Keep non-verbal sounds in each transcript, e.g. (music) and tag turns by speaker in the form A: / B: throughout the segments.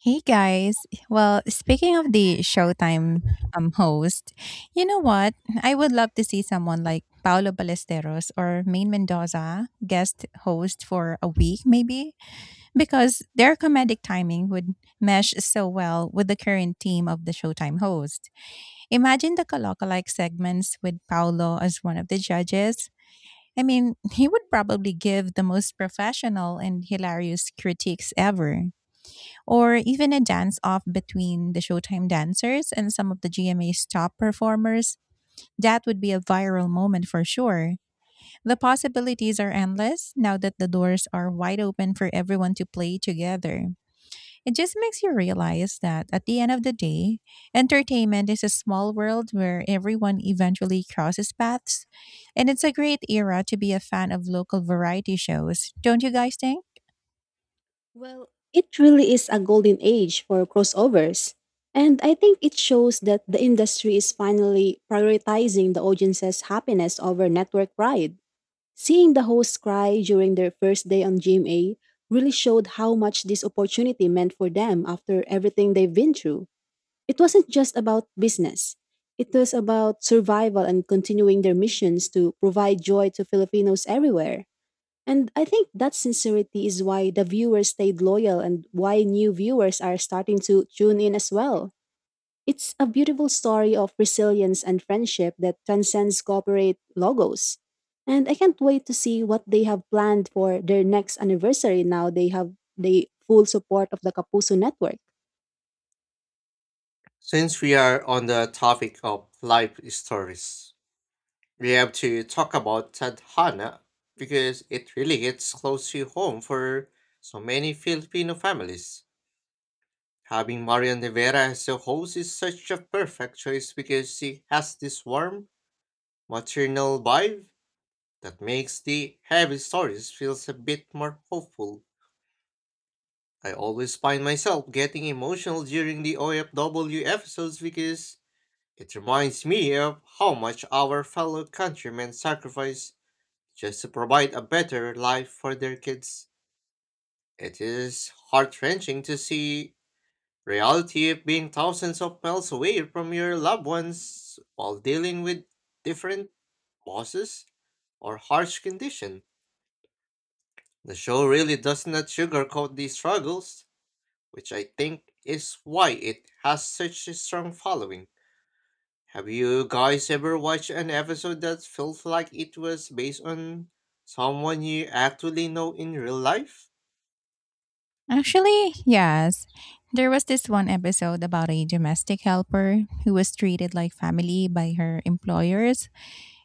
A: Hey guys.
B: Thanks.
A: Well, speaking of the Showtime host, you know what? I would love to see someone like Paolo Ballesteros or Maine Mendoza guest host for a week maybe, because their comedic timing would mesh so well with the current team of the Showtime host. Imagine the Kalokalike segments with Paolo as one of the judges. I mean, (laughs) he would probably give the most professional and hilarious critiques ever, or even a dance off between the Showtime dancers and some of the GMA's top performers. That would be a viral moment for sure. The
B: That's
A: possibilities are endless now that the doors are wide open for everyone to play together. It just makes you realize that at the end of the day, entertainment is a small world where everyone eventually crosses paths, and it's a great era to be a fan of local variety shows, don't you guys think?
B: Well, it really is a golden age for crossovers. And I think it shows that the industry is finally prioritizing the audience's happiness over network pride. Seeing the hosts cry during their first day on GMA really showed how much this opportunity meant for them after everything they've been through. It wasn't just about business, it was about survival and continuing their missions to provide joy to Filipinos everywhere. And I think that sincerity is why the viewers stayed loyal and why new viewers are starting to tune in as well. It's a beautiful story of resilience and friendship that transcends corporate logos. And I can't wait to see what they have planned for their next anniversary now they have the full support of the Kapuso network.
C: Since we are on the topic of life stories, we have to talk about Tadhana because it really hits close to home for so many Filipino families. Having Marian Rivera as the host is such a perfect choice because she has this warm, maternal vibe that makes the heavy stories feels a bit more hopeful. I always find myself getting emotional during the OFW episodes because it reminds me of how much our fellow countrymen sacrifice just to provide a better life for their kids. It is heart wrenching to see reality of being thousands of miles away from your loved ones while dealing with different bosses or harsh condition. The show really does not sugarcoat these struggles, which I think is why it has such a strong following. Have you guys ever watched an episode that felt like it was based on someone you actually know in real life?
A: Actually, yes. There was this one episode about a domestic helper who was treated like family by her employers.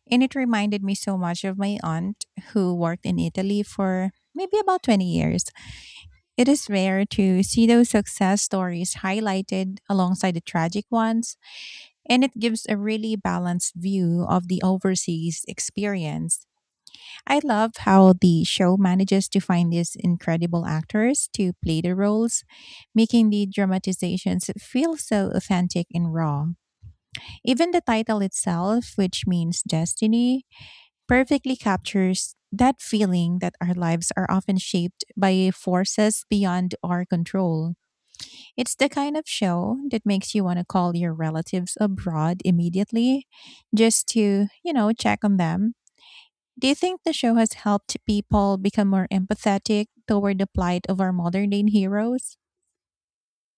A: And it reminded me so much of my aunt who worked in Italy for maybe about 20 years. It is rare to see those success stories highlighted alongside the tragic ones. And it gives a really balanced view of the overseas experience. I love how the show manages to find these incredible actors to play the roles, making the dramatizations feel so authentic and raw. Even the title itself, which means destiny, perfectly captures that feeling that our lives are often shaped by forces beyond our control. It's the kind of show that makes you want to call your relatives abroad immediately, just to, you know, check on them. Do you think the show has helped people become more empathetic toward the plight of our modern day heroes?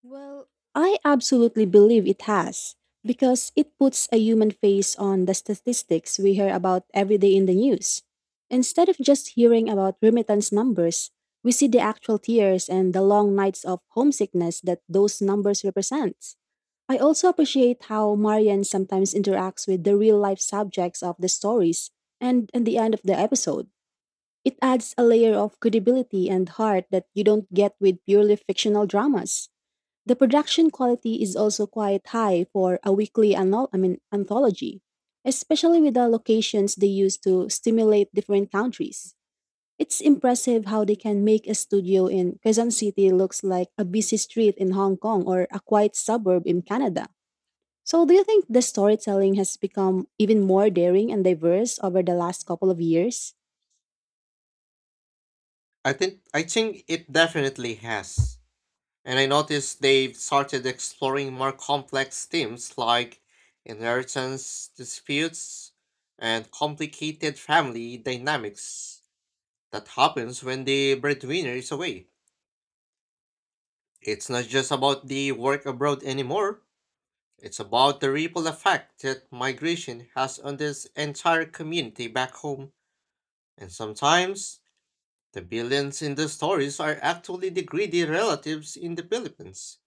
B: Well, I absolutely believe it has, because it puts a human face on the statistics we hear about every day in the news. Instead of just hearing about remittance numbers, we see the actual tears and the long nights of homesickness that those numbers represent. I also appreciate how Marian sometimes interacts with the real life subjects of the stories and at the end of the episode. It adds a layer of credibility and heart that you don't get with purely fictional dramas. The production quality is also quite high for a weekly anthology, especially with the locations they use to stimulate different countries. It's impressive how they can make a studio in Quezon City looks like a busy street in Hong Kong or a quiet suburb in Canada. So, do you think the storytelling has become even more daring and diverse over the last couple of years?
C: I think it definitely has. And I noticed they've started exploring more complex themes like inheritance disputes and complicated family dynamics that happens when the breadwinner is away. It's not just about the work abroad anymore. It's about the ripple effect that migration has on this entire community back home. And sometimes, the villains in the stories are actually the greedy relatives in the Philippines,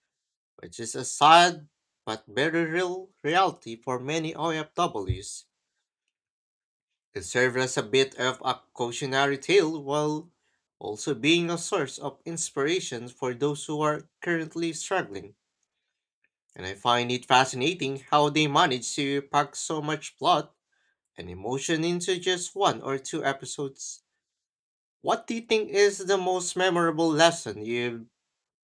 C: which is a sad but very real reality for many OFWs. It serves as a bit of a cautionary tale while also being a source of inspiration for those who are currently struggling. And I find it fascinating how they manage to pack so much plot an emotion into just one or two episodes. What do you think is the most memorable lesson you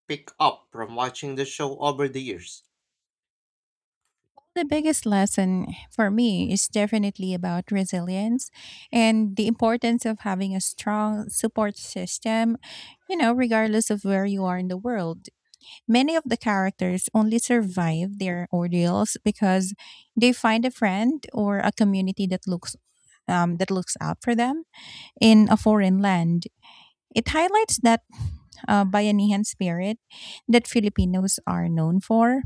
C: pick up from watching the show over the years?
A: The biggest lesson for me is definitely about resilience and the importance of having a strong support system, you know, regardless of where you are in the world. Many of the characters only survive their ordeals because they find a friend or a community that looks out for them in a foreign land. It highlights that Bayanihan spirit that Filipinos are known for,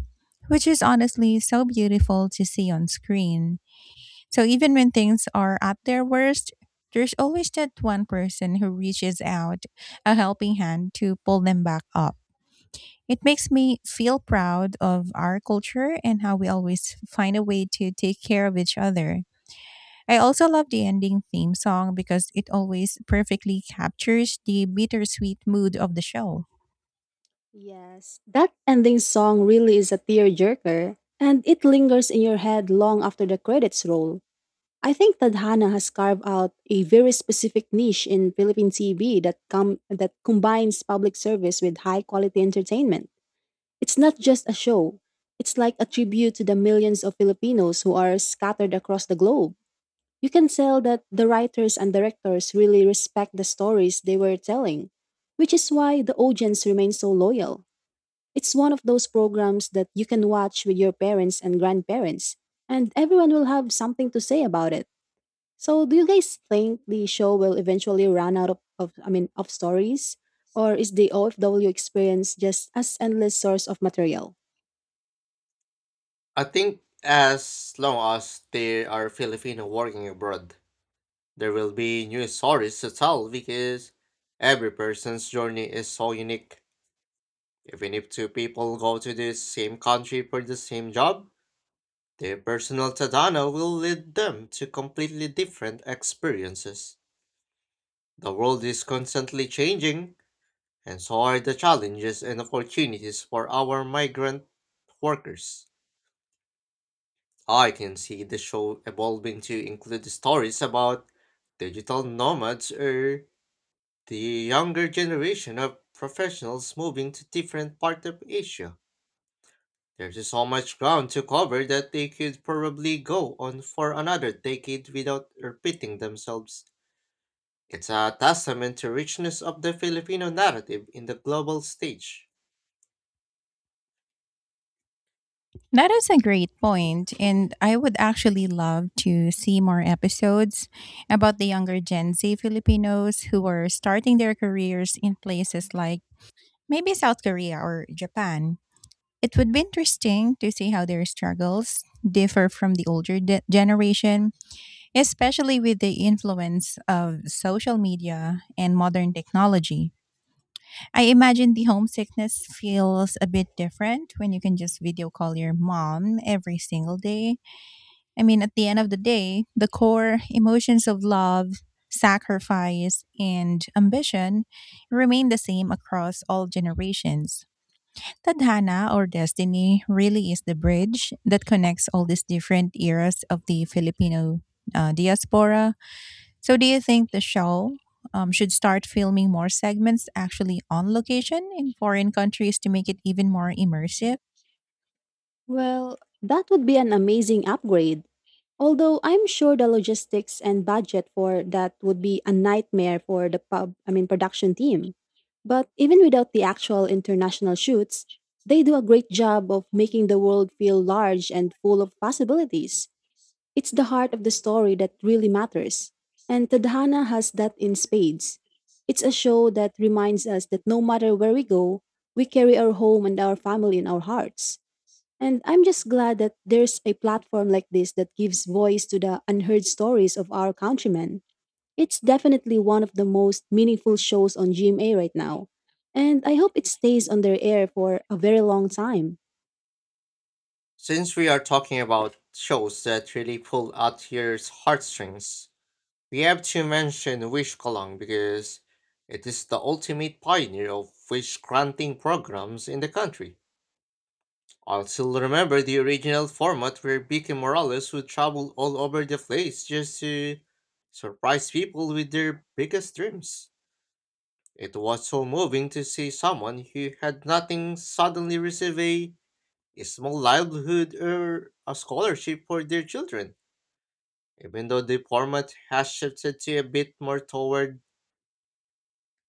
A: which is honestly so beautiful to see on screen. So even when things are at their worst, there's always that one person who reaches out a helping hand to pull them back up. It makes me feel proud of our culture and how we always find a way to take care of each other. I also love the ending theme song because it always perfectly captures the bittersweet mood of the show.
B: Yes, that ending song really is a tearjerker, and it lingers in your head long after the credits roll. I think that Tadhana has carved out a very specific niche in Philippine TV that combines public service with high quality entertainment. It's not just a show. It's like a tribute to the millions of Filipinos who are scattered across the globe. You can tell that the writers and directors really respect the stories they were telling, which is why the audience remains so loyal. It's one of those programs that you can watch with your parents and grandparents, and everyone will have something to say about it. So, do you guys think the show will eventually run out of stories, or is the OFW experience just as endless source of material?
C: I think as long as there are Filipino working abroad, there will be new stories to tell because every person's journey is so unique. Even if two people go to the same country for the same job, their personal tadano will lead them to completely different experiences. The world is constantly changing, and so are the challenges and opportunities for our migrant workers. I can see the show evolving to include stories about digital nomads or the younger generation of professionals moving to different parts of Asia. There's so much ground to cover that they could probably go on for another decade without repeating themselves. It's a testament to richness of the Filipino narrative in the global stage.
A: That is a great point, and I would actually love to see more episodes about the younger Gen Z Filipinos who are starting their careers in places like maybe South Korea or Japan. It would be interesting to see how their struggles differ from the older generation, especially with the influence of social media and modern technology. I imagine the homesickness feels a bit different when you can just video call your mom every single day. I mean, at the end of the day, the core emotions of love, sacrifice, and ambition remain the same across all generations. Tadhana, or destiny, really is the bridge that connects all these different eras of the Filipino diaspora. So, do you think the show should start filming more segments actually on location in foreign countries to make it even more immersive?
B: Well, that would be an amazing upgrade. Although I'm sure the logistics and budget for that would be a nightmare for the production team. But even without the actual international shoots, they do a great job of making the world feel large and full of possibilities. It's the heart of the story that really matters, and Tadhana has that in spades. It's a show that reminds us that no matter where we go, we carry our home and our family in our hearts. And I'm just glad that there's a platform like this that gives voice to the unheard stories of our countrymen. It's definitely one of the most meaningful shows on GMA right now, and I hope it stays on their air for a very long time.
C: Since we are talking about shows that really pull at your heartstrings, we have to mention Wish Kolong because it is the ultimate pioneer of wish granting programs in the country. I'll still remember the original format where Vicky Morales would travel all over the place just to surprise people with their biggest dreams. It was so moving to see someone who had nothing suddenly receive a small livelihood or a scholarship for their children. Even though the format has shifted to a bit more toward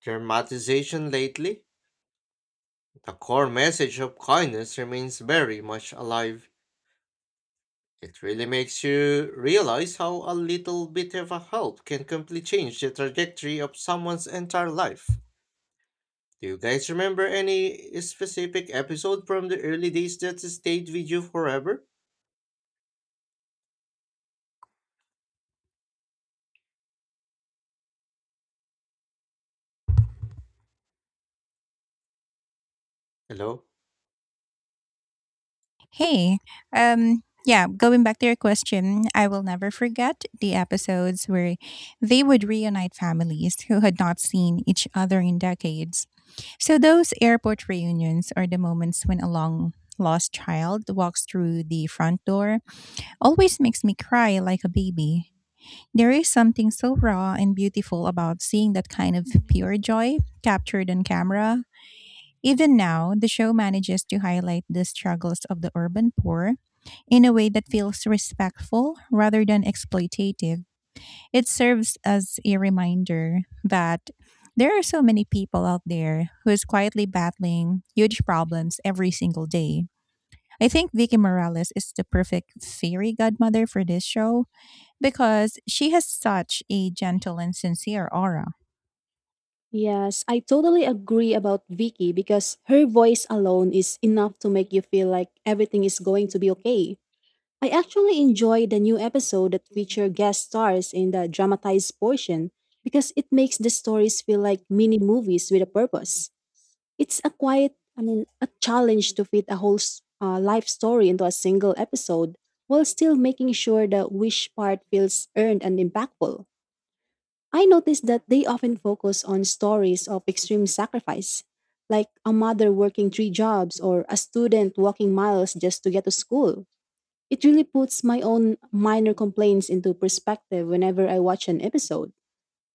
C: dramatization lately, the core message of kindness remains very much alive. It really makes you realize how a little bit of a help can completely change the trajectory of someone's entire life. Do you guys remember any specific episode from the early days that stayed with you forever? Hello?
A: Hey, yeah, going back to your question, I will never forget the episodes where they would reunite families who had not seen each other in decades. So, those airport reunions, are the moments when a long lost child walks through the front door, always makes me cry like a baby. There is something so raw and beautiful about seeing that kind of pure joy captured on camera. Even now, the show manages to highlight the struggles of the urban poor in a way that feels respectful rather than exploitative. It serves as a reminder that there are so many people out there who is quietly battling huge problems every single day. I think Vicky Morales is the perfect fairy godmother for this show because she has such a gentle and sincere aura.
B: Yes, I totally agree about Vicky because her voice alone is enough to make you feel like everything is going to be okay. I actually enjoy the new episode that feature guest stars in the dramatized portion because it makes the stories feel like mini movies with a purpose. It's a a challenge to fit a whole life story into a single episode while still making sure the wish part feels earned and impactful. I noticed that they often focus on stories of extreme sacrifice, like a mother working three jobs or a student walking miles just to get to school. It really puts my own minor complaints into perspective whenever I watch an episode.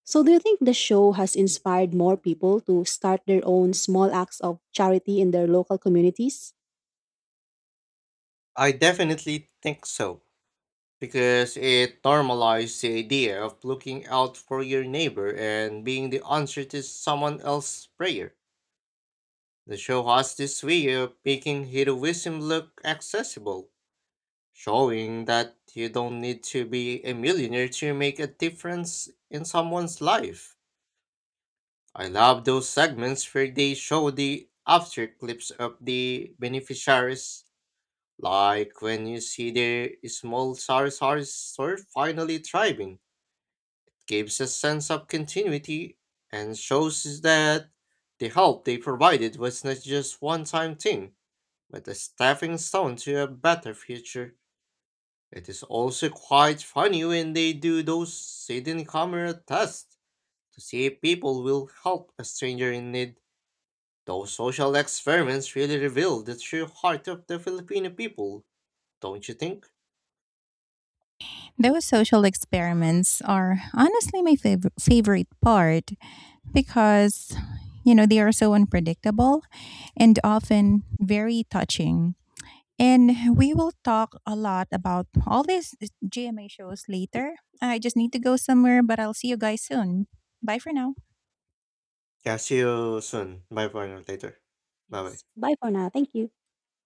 B: So, do you think the show has inspired more people to start their own small acts of charity in their local communities?
C: I definitely think so, because it normalized the idea of looking out for your neighbor and being the answer to someone else's prayer. The show has this way of making heroism look accessible, showing that you don't need to be a millionaire to make a difference in someone's life. I love those segments where they show the after clips of the beneficiaries, like when you see their small Sarasari store finally thriving. Gives a sense of continuity and shows us that the help they provided was not just one time thing, but a stepping stone to a better future. It is also quite funny when they do those hidden camera tests to see if people will help a stranger in need. Those social experiments really reveal the true heart of the Filipino people, don't you think?
A: Those social experiments are honestly my favorite part because, you know, they are so unpredictable and often very touching. And we will talk a lot about all these GMA shows later. I just need to go somewhere, but I'll see you guys soon. Bye for now.
C: Catch you soon. Bye for now later. Bye bye.
B: Yes. Bye for now. Thank you.